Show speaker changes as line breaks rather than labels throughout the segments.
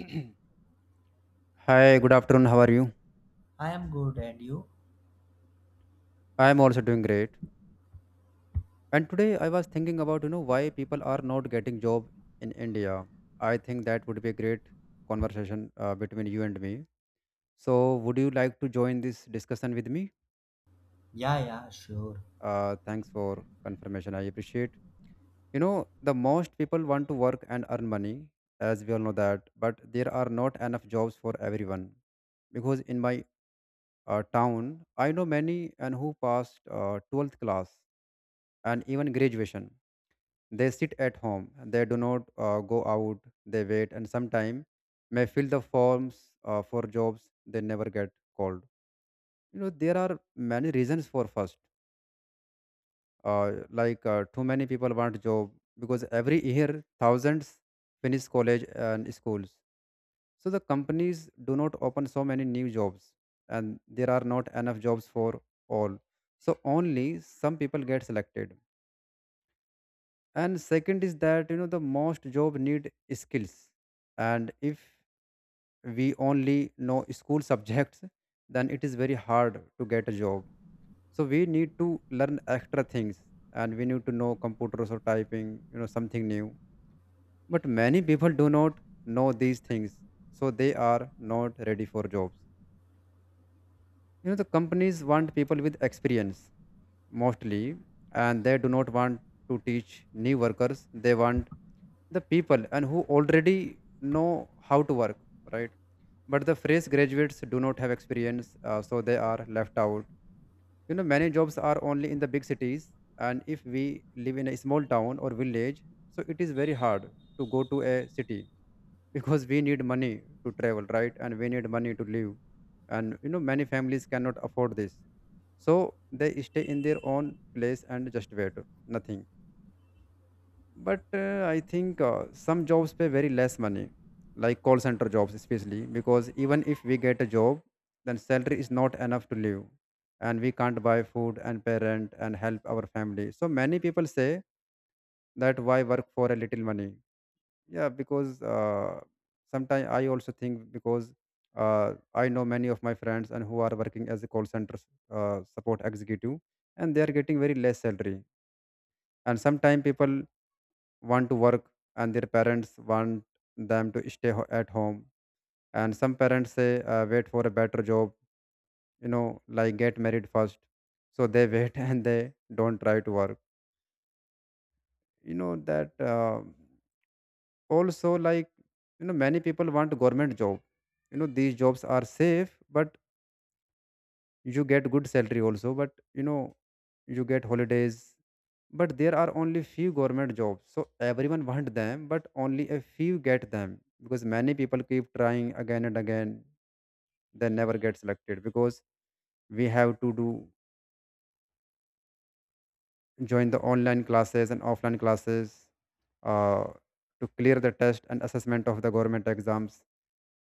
Hi, good afternoon. How are you?
I am good, and you?
I am also doing great. And today I was thinking about, you know, why people are not getting job in India. I think that would be a great conversation between you and me. So, would you like to join this discussion with me?
Yeah, yeah, sure.
Thanks for confirmation. I appreciate. You know, the most people want to work and earn money, as we all know that, but there are not enough jobs for everyone. Because in my town, I know many and who passed 12th class and even graduation. They sit at home, they do not go out, they wait, and sometimes may fill the forms for jobs they never get called. You know, there are many reasons for first, too many people want job because every year thousands finish college and schools. So the companies do not open so many new jobs, and there are not enough jobs for all. So only some people get selected, and second is that, you know, the most job need skills. And if we only know school subjects, then it is very hard to get a job, so we need to learn extra things, and we need to know computers or typing, you know, something new, but many people do not know these things, so they are not ready for jobs. You know, the companies want people with experience mostly, and they do not want to teach new workers. They want the people and who already know how to work, right? But the fresh graduates do not have experience, so they are left out. You know, many jobs are only in the big cities, and if we live in a small town or village, so it is very hard to go to a city because we need money to travel, right, and we need money to live, and you know many families cannot afford this, so they stay in their own place and just wait nothing. But I think some jobs pay very less money like call center jobs, especially because even if we get a job, then salary is not enough to live and we can't buy food and pay rent and help our family. So many people say that why work for a little money. Yeah, because sometimes I also think because I know many of my friends and who are working as a call center support executive, and they are getting very less salary. And sometimes people want to work and their parents want them to stay at home, and some parents say wait for a better job, you know, like get married first, so they wait and they don't try to work. You know that, also like, you know, many people want government job. You know these jobs are safe, but you get good salary also, but you know you get holidays. But there are only few government jobs, so everyone want them, but only a few get them because many people keep trying again and again. They never get selected because we have to do join the online classes and offline classes, uh, to clear the test and assessment of the government exams,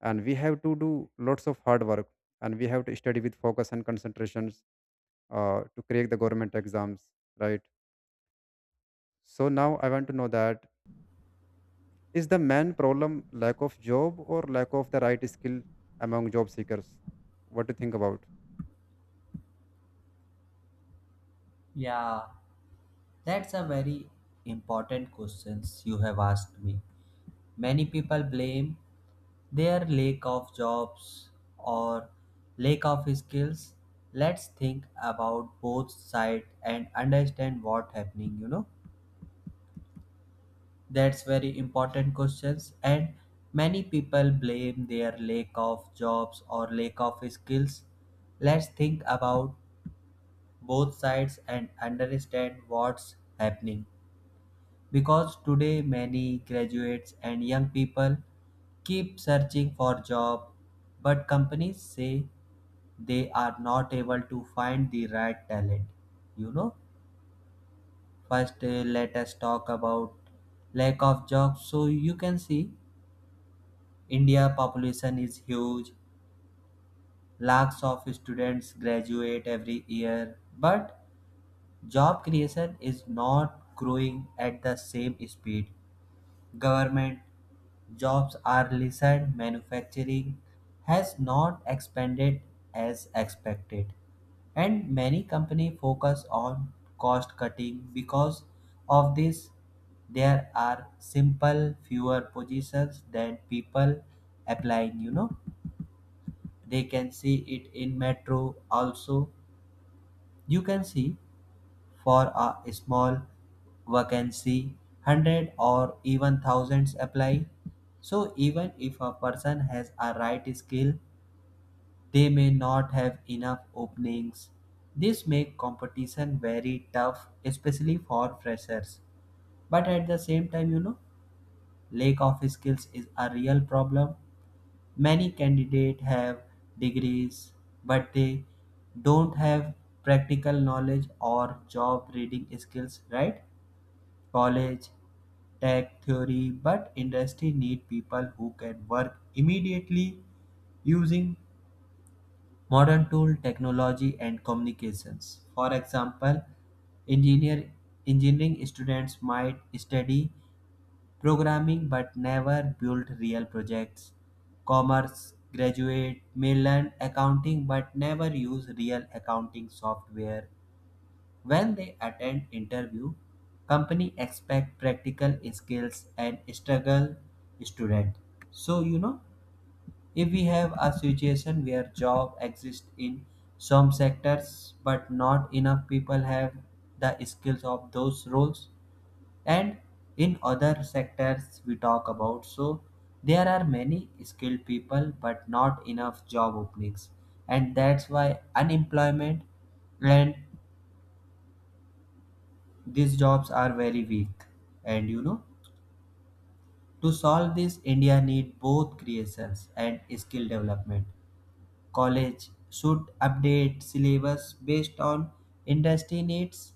and we have to do lots of hard work, and we have to study with focus and concentrations, to crack the government exams, right? So now I want to know that is the main problem lack of job or lack of the right skill among job seekers? What do you think about?
Yeah, that's a very important questions you have asked me. Many people blame their lack of jobs or lack of skills. Let's think about both sides and understand what happening, you know. That's very important questions and many people blame their lack of jobs or lack of skills. Let's think about both sides and understand what's happening. Because today, many graduates and young people keep searching for job, but companies say they are not able to find the right talent, you know. First, let us talk about lack of jobs. So you can see India population is huge. Lakhs of students graduate every year, but job creation is not growing at the same speed. Government jobs are lessened, manufacturing has not expanded as expected, and many companies focus on cost cutting. Because of this, there are simple fewer positions than people applying, you know. They can see it in metro also. You can see for a small vacancy, hundred or even thousands apply. So, even if a person has a right skill, they may not have enough openings. This makes competition very tough, especially for freshers. But at the same time, you know, lack of skills is a real problem. Many candidates have degrees, but they don't have practical knowledge or job reading skills, right? College, tech theory, but industry need people who can work immediately using modern tool technology and communications. For example, engineer engineering students might study programming but never build real projects. Commerce graduate may learn accounting but never use real accounting software. When they attend interview, company expect practical skills and struggle student. So you know, if we have a situation where job exists in some sectors but not enough people have the skills of those roles, and in other sectors we talk about, so there are many skilled people but not enough job openings, and that's why unemployment and these jobs are very weak. And you know, to solve this, India need both creations and skill development. College should update syllabus based on industry needs.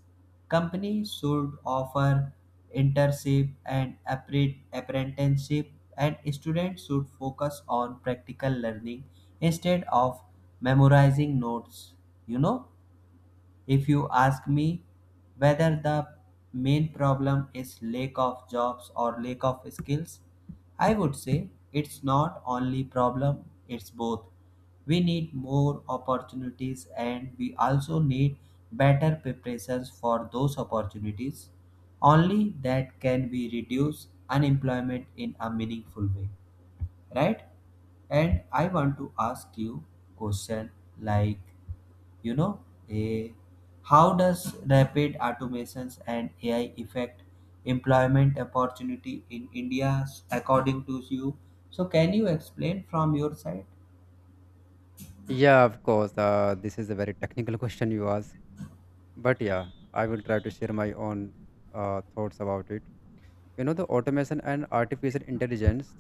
Companies should offer internship and apprenticeship, and students should focus on practical learning instead of memorizing notes, you know. If you ask me whether the main problem is lack of jobs or lack of skills, I would say it's not only problem, it's both. We need more opportunities and we also need better preparations for those opportunities. Only that can we reduce unemployment in a meaningful way, right? And I want to ask you question, like, you know, a, how does rapid automations and AI affect employment opportunity in India, according to you? So can you explain from your side?
Yeah, of course. This is a very technical question you ask, but yeah, I will try to share my own thoughts about it. You know, the automation and artificial intelligence,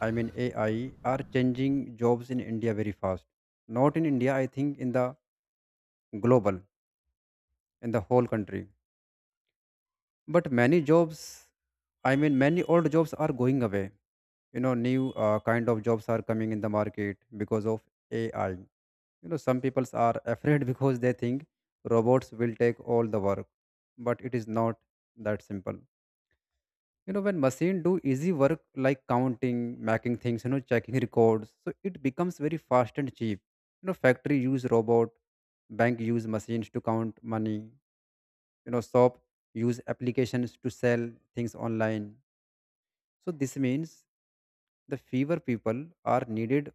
I mean AI, are changing jobs in India very fast. Not in India, I think in the global, in the whole country. But many jobs, I mean, many old jobs are going away. You know, new kind of jobs are coming in the market because of AI. You know, some people are afraid because they think robots will take all the work, but it is not that simple. You know, when machine do easy work like counting, making things, you know, checking records, so it becomes very fast and cheap. You know, factory use robot, bank use machines to count money, you know, shop use applications to sell things online. So this means the fewer people are needed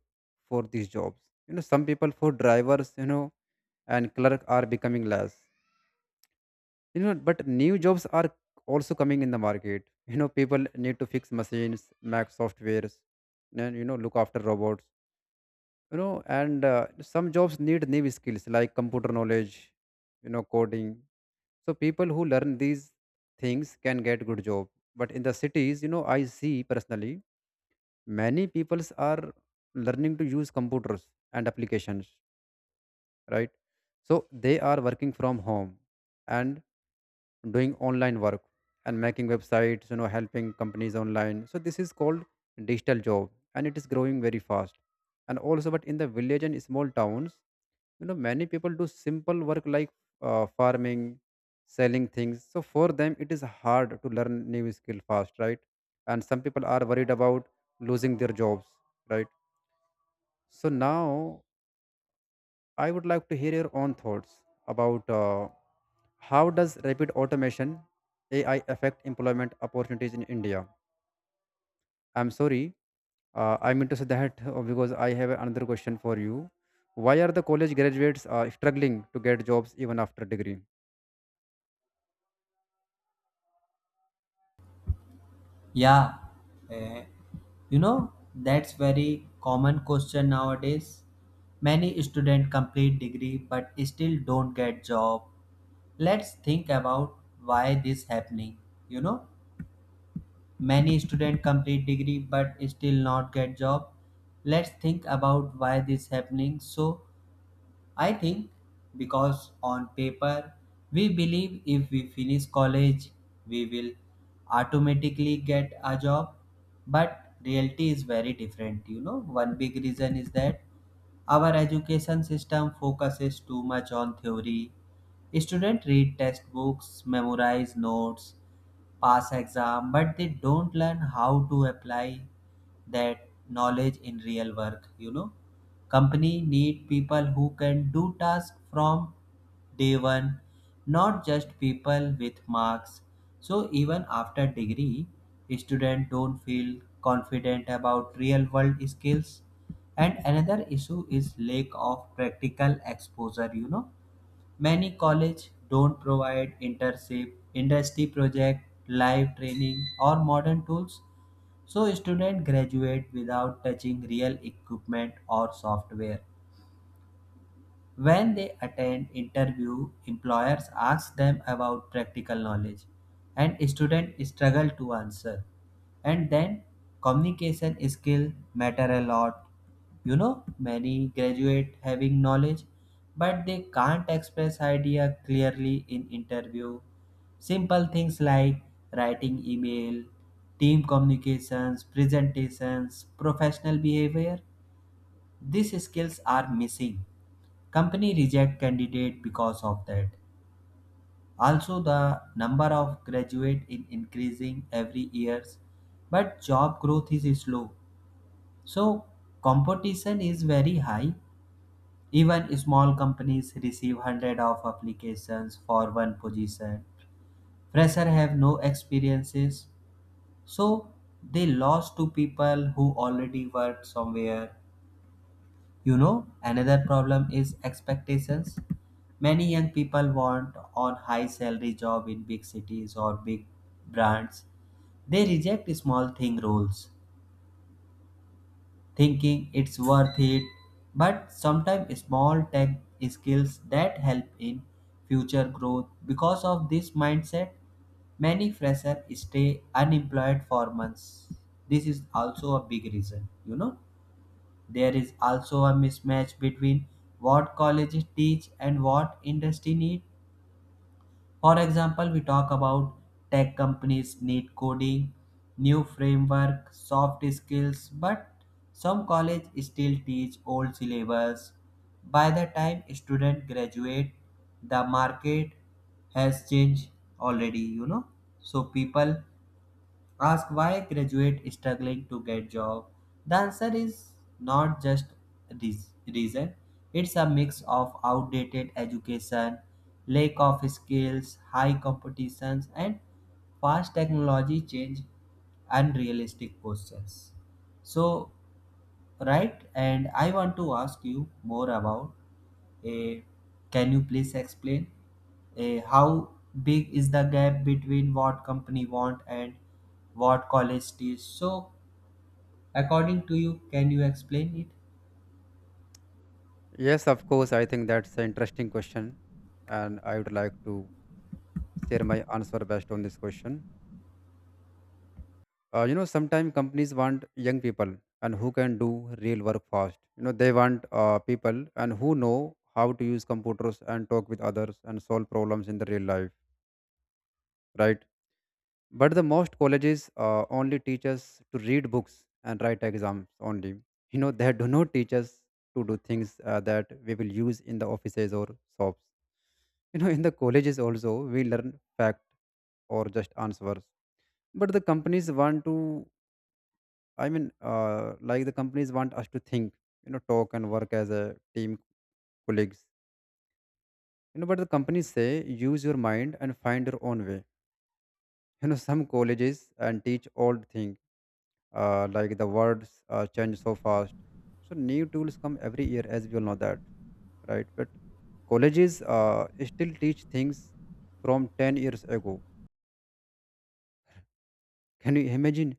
for these jobs. You know, some people for drivers, you know, and clerk are becoming less. You know, but new jobs are also coming in the market. You know, people need to fix machines, make softwares, and you know, look after robots. You know, and some jobs need new skills like computer knowledge, you know, coding. So people who learn these things can get good job. But in the cities, you know, I see personally many peoples are learning to use computers and applications, right? So they are working from home and doing online work and making websites, you know, helping companies online. So this is called digital job, and it is growing very fast. And also but in the village and small towns, you know, many people do simple work like farming, selling things, so for them it is hard to learn new skill fast, right? And some people are worried about losing their jobs, right? So now I would like to hear your own thoughts about how does rapid automation AI affect employment opportunities in India? I'm sorry, I meant to say that because I have another question for you. Why are the college graduates struggling to get jobs even after degree?
Yeah, eh, you know, that's very common question nowadays. Many students complete degree but still don't get job. Let's think about why this happening. You know, many student complete degree but still not get job. Let's think about why this happening. So I think because on paper we believe if we finish college we will automatically get a job, but reality is very different. You know, one big reason is that our education system focuses too much on theory. Students read textbooks, memorize notes, pass exam, but they don't learn how to apply that knowledge in real work. You know, company need people who can do tasks from day one, not just people with marks. So even after degree, students don't feel confident about real world skills. And another issue is lack of practical exposure. You know, many colleges don't provide internship, industry project, live training, or modern tools, so students graduate without touching real equipment or software. When they attend interview, employers ask them about practical knowledge and students struggle to answer. And then communication skill matter a lot. You know, many graduate having knowledge but they can't express idea clearly in interview. Simple things like writing email, team communications, presentations, professional behavior, these skills are missing. Company reject candidate because of that. Also, the number of graduate is increasing every years, but job growth is slow, so competition is very high. Even small companies receive hundred of applications for one position. Fresher have no experiences, so they lost to people who already worked somewhere. You know, another problem is expectations. Many young people want on high salary job in big cities or big brands. They reject small thing rules, thinking it's worth it. But sometimes small tech skills that help in future growth. Because of this mindset, many freshers stay unemployed for months. This is also a big reason, you know. There is also a mismatch between what colleges teach and what industry need. For example, we talk about tech companies need coding, new framework, soft skills, but some college still teach old syllabus. By the time student graduate, the market has changed already, you know. So people ask why graduate is struggling to get job. The answer is not just this reason. It's a mix of outdated education, lack of skills, high competitions, and fast technology change, unrealistic questions. So, right, and I want to ask you more about, eh, can you please explain, eh, how big is the gap between what company want and what college teach? So, according to you, can you explain it?
Yes, of course. I think that's an interesting question, and I would like to share my answer based on this question. You know, sometimes companies want young people and who can do real work fast. You know, they want people and who know how to use computers and talk with others and solve problems in the real life, right? But the most colleges only teach us to read books and write exams only. You know, they do not teach us to do things that we will use in the offices or shops. You know, in the colleges also we learn fact or just answers, but the companies want to, I mean, the companies want us to think, you know, talk and work as a team, colleagues. You know, but the companies say use your mind and find your own way. You know, some colleges and teach old thing, like the words change so fast. So new tools come every year, as we all know that, right? But colleges still teach things from 10 years ago. Can you imagine?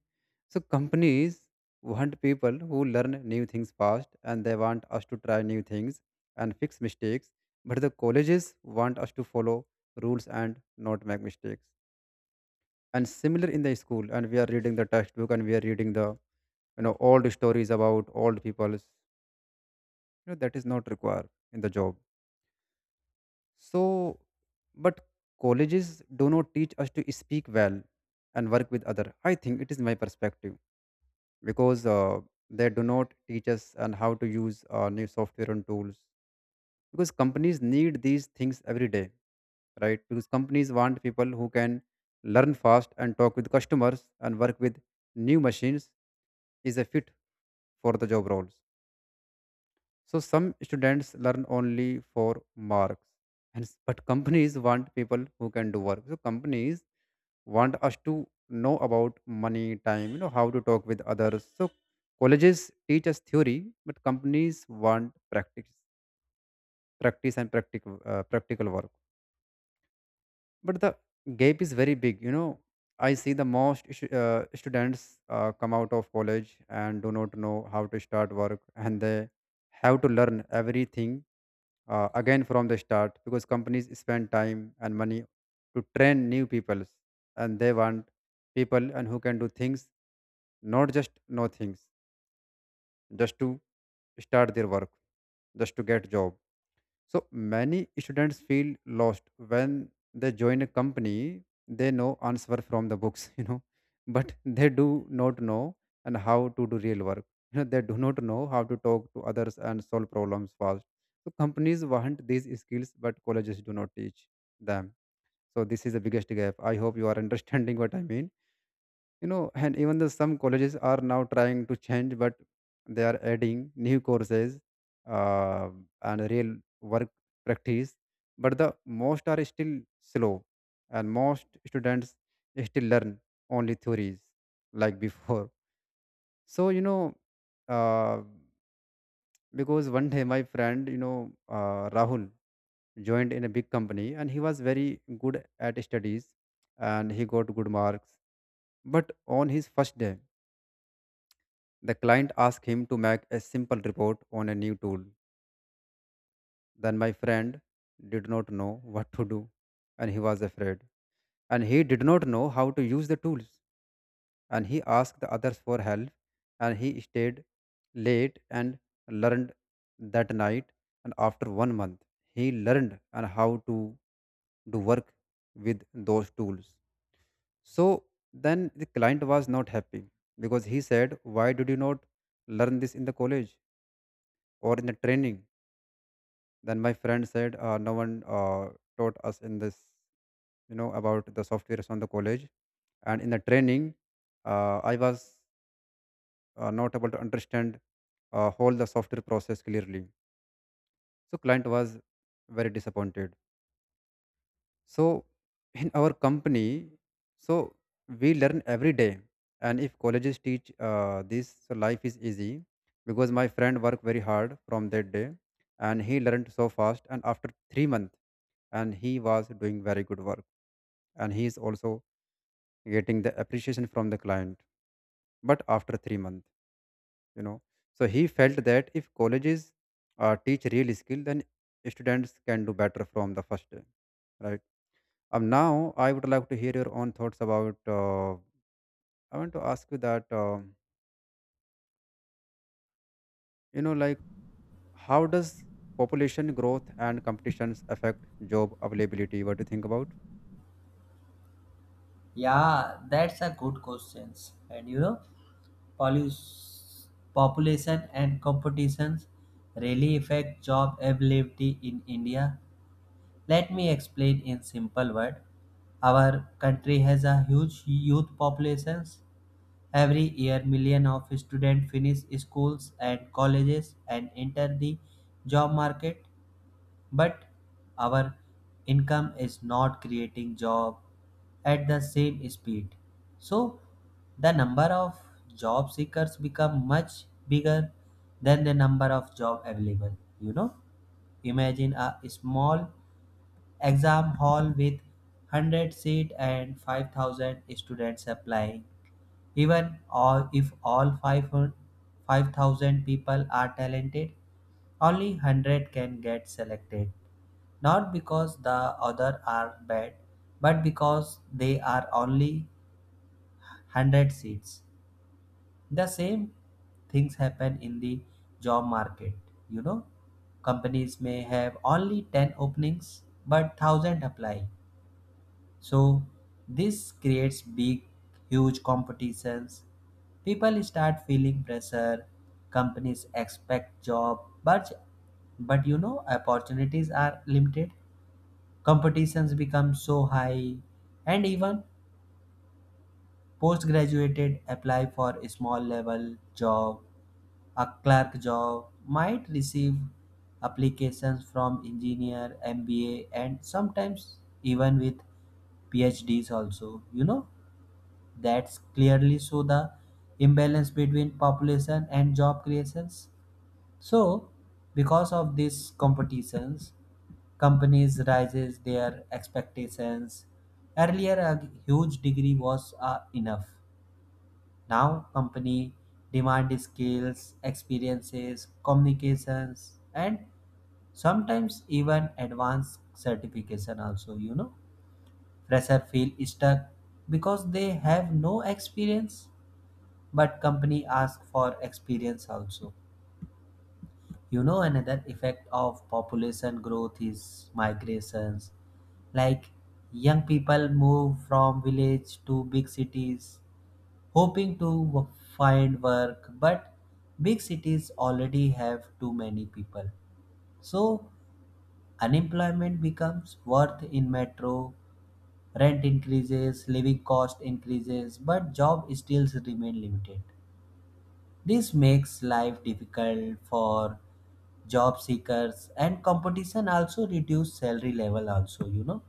So companies want people who learn new things fast, and they want us to try new things and fix mistakes. But the colleges want us to follow rules and not make mistakes. And similar in the school, and we are reading the textbook and we are reading the, you know, old stories about old people's. You know, that is not required in the job. So but colleges do not teach us to speak well and work with other. I think it is my perspective because they do not teach us on how to use new software and tools because companies need these things every day, right? Because companies want people who can learn fast and talk with customers and work with new machines is a fit for the job roles. So some students learn only for marks and but companies want people who can do work. So companies want us to know about money, time, you know, how to talk with others. So colleges teach us theory, but companies want practice, practice and practical practical work. But the gap is very big. You know, I see students come out of college and do not know how to start work, and they have to learn everything again from the start because companies spend time and money to train new people, and they want people and who can do things, not just know things, just to start their work, just to get job. So many students feel lost when they join a company. They know answer from the books you know, but they do not know and how to do real work. You know, they do not know how to talk to others and solve problems fast. So companies want these skills but colleges do not teach them. So this is the biggest gap. I hope you are understanding what I mean. You know, and even though some colleges are now trying to change, but they are adding new courses, uh, and real work, practice, but the most are still slow, and most students still learn only theories like before. So uh, because one day my friend rahul joined in a big company and he was very good at studies and he got good marks, but on his first day, the client asked him to make a simple report on a new tool. Then my friend did not know what to do and he was afraid. And he did not know how to use the tools. And he asked the others for help and he stayed late and learned that night. And after 1 month, he learned and how to do work with those tools. So then the client was not happy because he said, why did you not learn this in the college or in the training? Then my friend said, no one taught us in this, you know, about the softwares on the college. And in the training, I was not able to understand whole the software process clearly. So client was very disappointed. So in our company, so we learn every day, and if colleges teach this, so life is easy, because my friend worked very hard from that day, and he learned so fast. And after 3 months, and he was doing very good work, and he is also getting the appreciation from the client. But after 3 months, you know, so he felt that if colleges teach real skill, then students can do better from the first day, right? Now I would like to hear your own thoughts about. I want to ask you that you know, like, how does population growth and competitions affect job availability? What do you think about?
Yeah, that's a good question. And you know, polus- population and competitions really affect job availability in India. Let me explain in simple word. Our country has a huge youth populations. Every year millions of students finish schools and colleges and enter the job market, but our income is not creating job at the same speed. So the number of job seekers become much bigger than the number of job available, you know. Imagine a small exam hall with 100 seat and 5,000 students applying. Even all, if all 5,000 people are talented, only 100 can get selected. Not because the other are bad, but because they are only 100 seats. The same things happen in the job market. You know, companies may have only 10 openings, but 1,000 apply. So this creates big, huge competitions. People start feeling pressure. Companies expect job, but you know opportunities are limited. Competitions become so high, and even postgraduated apply for a small level job. A clerk job might receive applications from engineer, MBA, and sometimes even with PhDs also. You know that's clearly show the imbalance between population and job creations. So because of these competitions, companies raises their expectations. Earlier a huge degree was enough. Now company demand skills, experiences, communications, and sometimes even advanced certification also, you know. Fresher feel stuck because they have no experience, but company ask for experience also. You know, another effect of population growth is migrations. Like, young people move from village to big cities hoping to find work, but big cities already have too many people, so unemployment becomes worth in metro. Rent increases, living cost increases, but job still remain limited. This makes life difficult for job seekers, and competition also reduce salary level also. You know,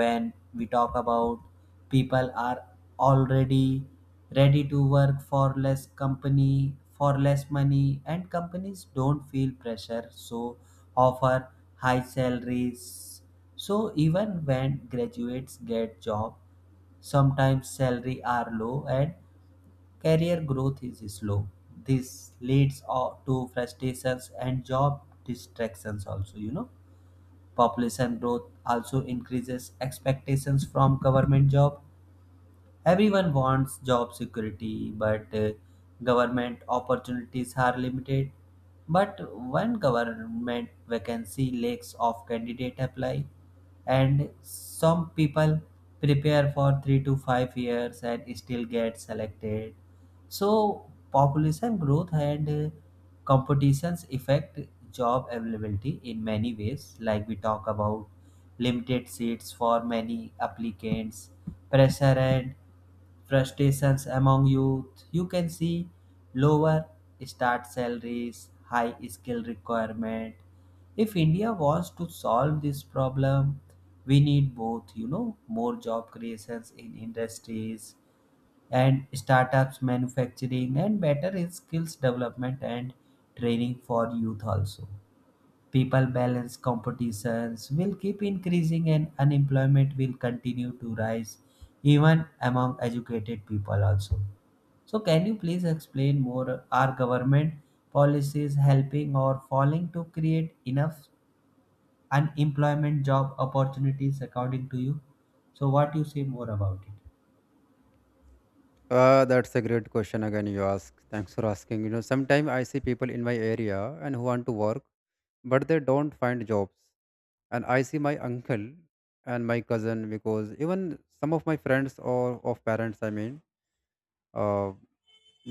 when we talk about, people are already ready to work for less company for less money, and companies don't feel pressure, so offer high salaries. So even when graduates get job, sometimes salary are low and career growth is slow. This leads to frustrations and job distractions also, you know. Population growth also increases expectations from government job. Everyone wants job security, but government opportunities are limited. But when government vacancy lacks of candidate apply, and some people prepare for 3 to 5 years and still get selected. So population growth and competitions affect job availability in many ways. Like we talk about, limited seats for many applicants, pressure and frustrations among youth. You can see lower start salaries, high skill requirement. If India wants to solve this problem, we need both, you know, more job creations in industries and startups manufacturing, and better is skills development and training for youth also. People balance competitions will keep increasing and unemployment will continue to rise, even among educated people also. So can you please explain more, are government policies helping or falling to create enough unemployment job opportunities, according to you? So what you say more about it?
That's a great question. Again, you ask. Thanks for asking. You know, sometimes I see people in my area and who want to work, but they don't find jobs. And I see my uncle and my cousin because even some of my friends or of parents, I mean. uh,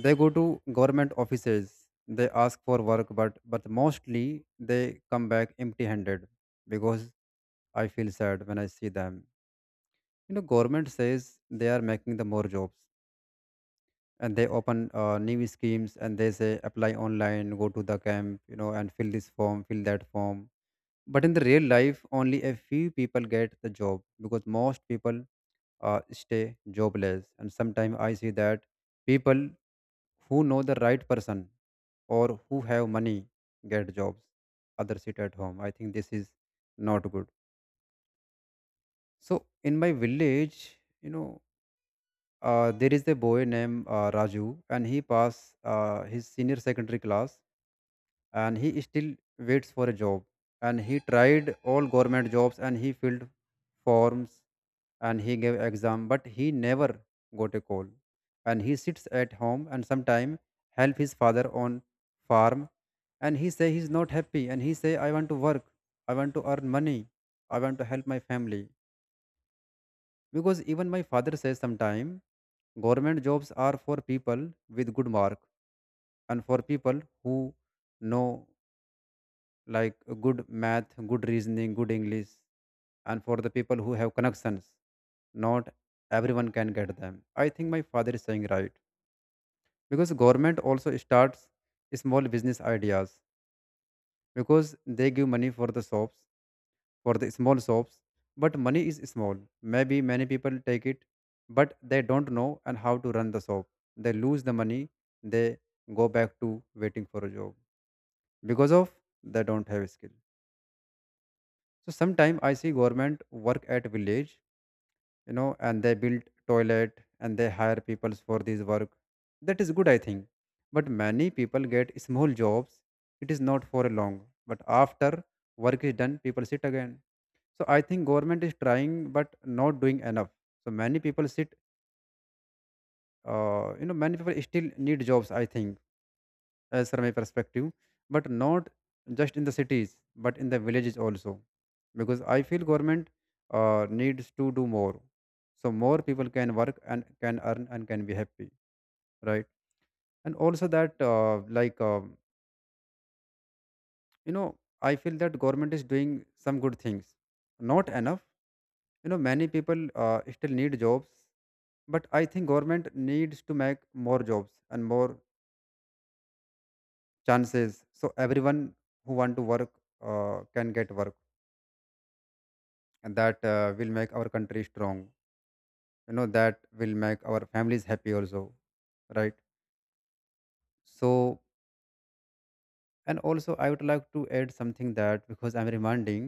They go to government offices, they ask for work, but, mostly they come back empty handed because I feel sad when I see them. You know, government says they are making the more jobs and they open new schemes and they say apply online, go to the camp, you know, and fill this form, fill that form. But in the real life, only a few people get the job because most people stay jobless. And sometimes I see that people who know the right person or who have money get jobs. Others sit at home. I think this is not good. So in my village, you know, there is a boy named raju and he passed his senior secondary class, and he still waits for a job. And he tried all government jobs and he filled forms and he gave exam but he never got a call. And he sits at home and sometime help his father on farm. And he say he's not happy and he say I want to work, I want to earn money, I want to help my family. Because even my father says sometime government jobs are for people with good mark and for people who know, like good math, good reasoning, good English, and for the people who have connections, not everyone can get them. I think my father is saying right because government also starts small business ideas, because they give money for the shops, for the small shops, but money is small. Maybe many people take it, but they don't know and how to run the shop. They lose the money. They go back to waiting for a job because of they don't have skill. So sometimes I see government work at village, you know, and they build toilet and they hire people for this work. That is good, I think. But many people get small jobs. It is not for long. But after work is done, people sit again. So I think government is trying but not doing enough. So many people sit. You know, many people still need jobs. I think as from my perspective, but not just in the cities, but in the villages also, because I feel government needs to do more, so more people can work and can earn and can be happy, right? And also that, you know, I feel that government is doing some good things, not enough. You know, many people still need jobs, but I think government needs to make more jobs and more chances, so everyone who want to work can get work, and that will make our country strong. You know, that will make our families happy also, right? So and also I would like to add something that because I'm reminding,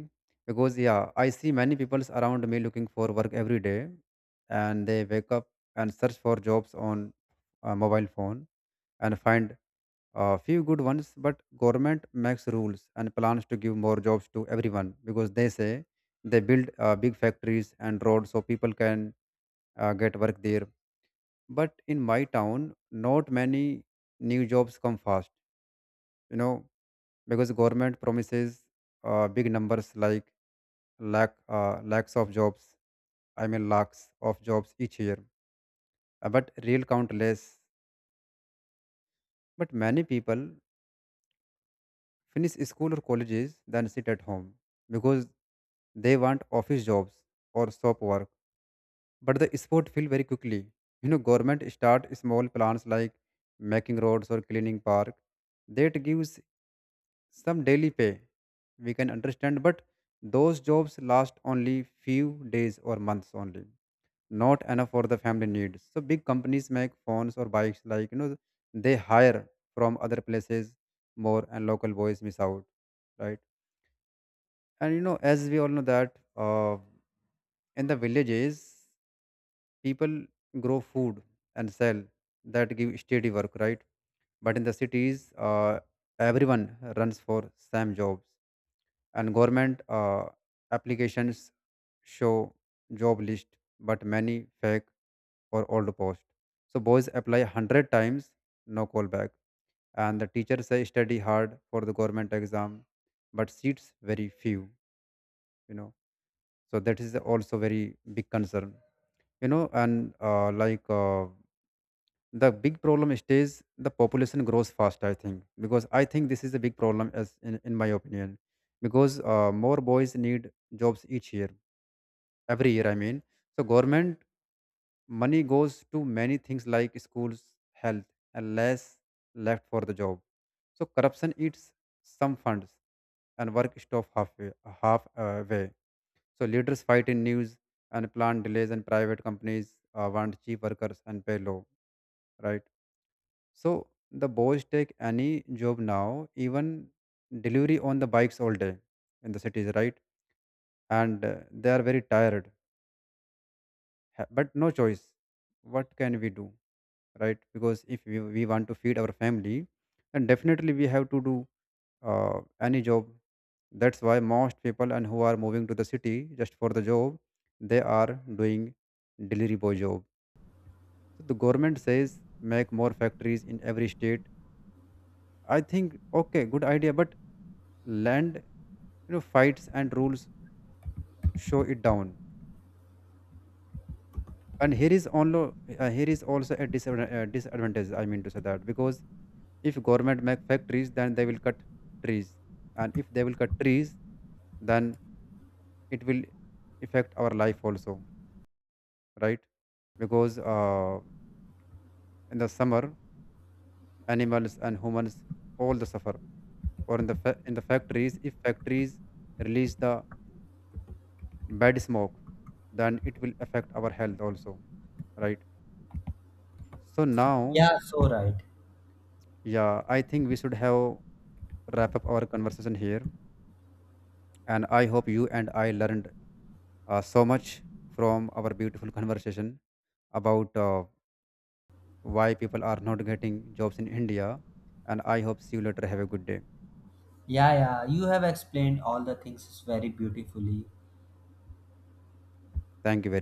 because yeah, I see many people around me looking for work every day. And they wake up and search for jobs on a mobile phone and find a few good ones. But government makes rules and plans to give more jobs to everyone, because they say they build big factories and roads so people can get work there. But in my town, not many new jobs come fast, you know, because government promises big numbers like lakhs of jobs. I mean, lakhs of jobs each year, but real count less. But many people finish school or colleges then sit at home because they want office jobs or shop work. But the sport fill very quickly. You know, government start small plans like making roads or cleaning park. That gives some daily pay we can understand, but those jobs last only few days or months only, not enough for the family needs. So big companies make phones or bikes, like you know, they hire from other places more, and local boys miss out, right? And you know, as we all know that in the villages people grow food and sell, that give steady work, right? But in the cities, everyone runs for same jobs. And government applications show job list, but many fake or old post. So boys apply 100 times, no call back. And the teacher say study hard for the government exam, but seats very few, you know. So that is also very big concern, you know. And the big problem stays, the population grows fast. I think, because I think this is a big problem as in my opinion, because more boys need jobs each year, every year I mean. So government money goes to many things like schools, health, and less left for the job. So corruption eats some funds, and work stop halfway, half way. So leaders fight in news and plan delays, and private companies want cheap workers and pay low, right? So the boys take any job now, even delivery on the bikes all day in the cities, right? And they are very tired, but no choice. What can we do, right? Because if we want to feed our family, then definitely we have to do any job. That's why most people and who are moving to the city just for the job, they are doing delivery boy job. So the government says make more factories in every state. I think okay, good idea, but land, you know, fights and rules show it down. And here is also a disadvantage. I mean to say that because if government make factories, then they will cut trees, and if they will cut trees, then it will affect our life also, right? Because in the summer, animals and humans all the suffer. Or in the in the factories, if factories release the bad smoke, then it will affect our health also, right? So now,
Yeah, so right.
yeah, I think we should have wrap up our conversation here, and I hope you and I learned so much from our beautiful conversation about why people are not getting jobs in India. And I hope see you later, have a good day.
Yeah, yeah, you have explained all the things very beautifully.
Thank you very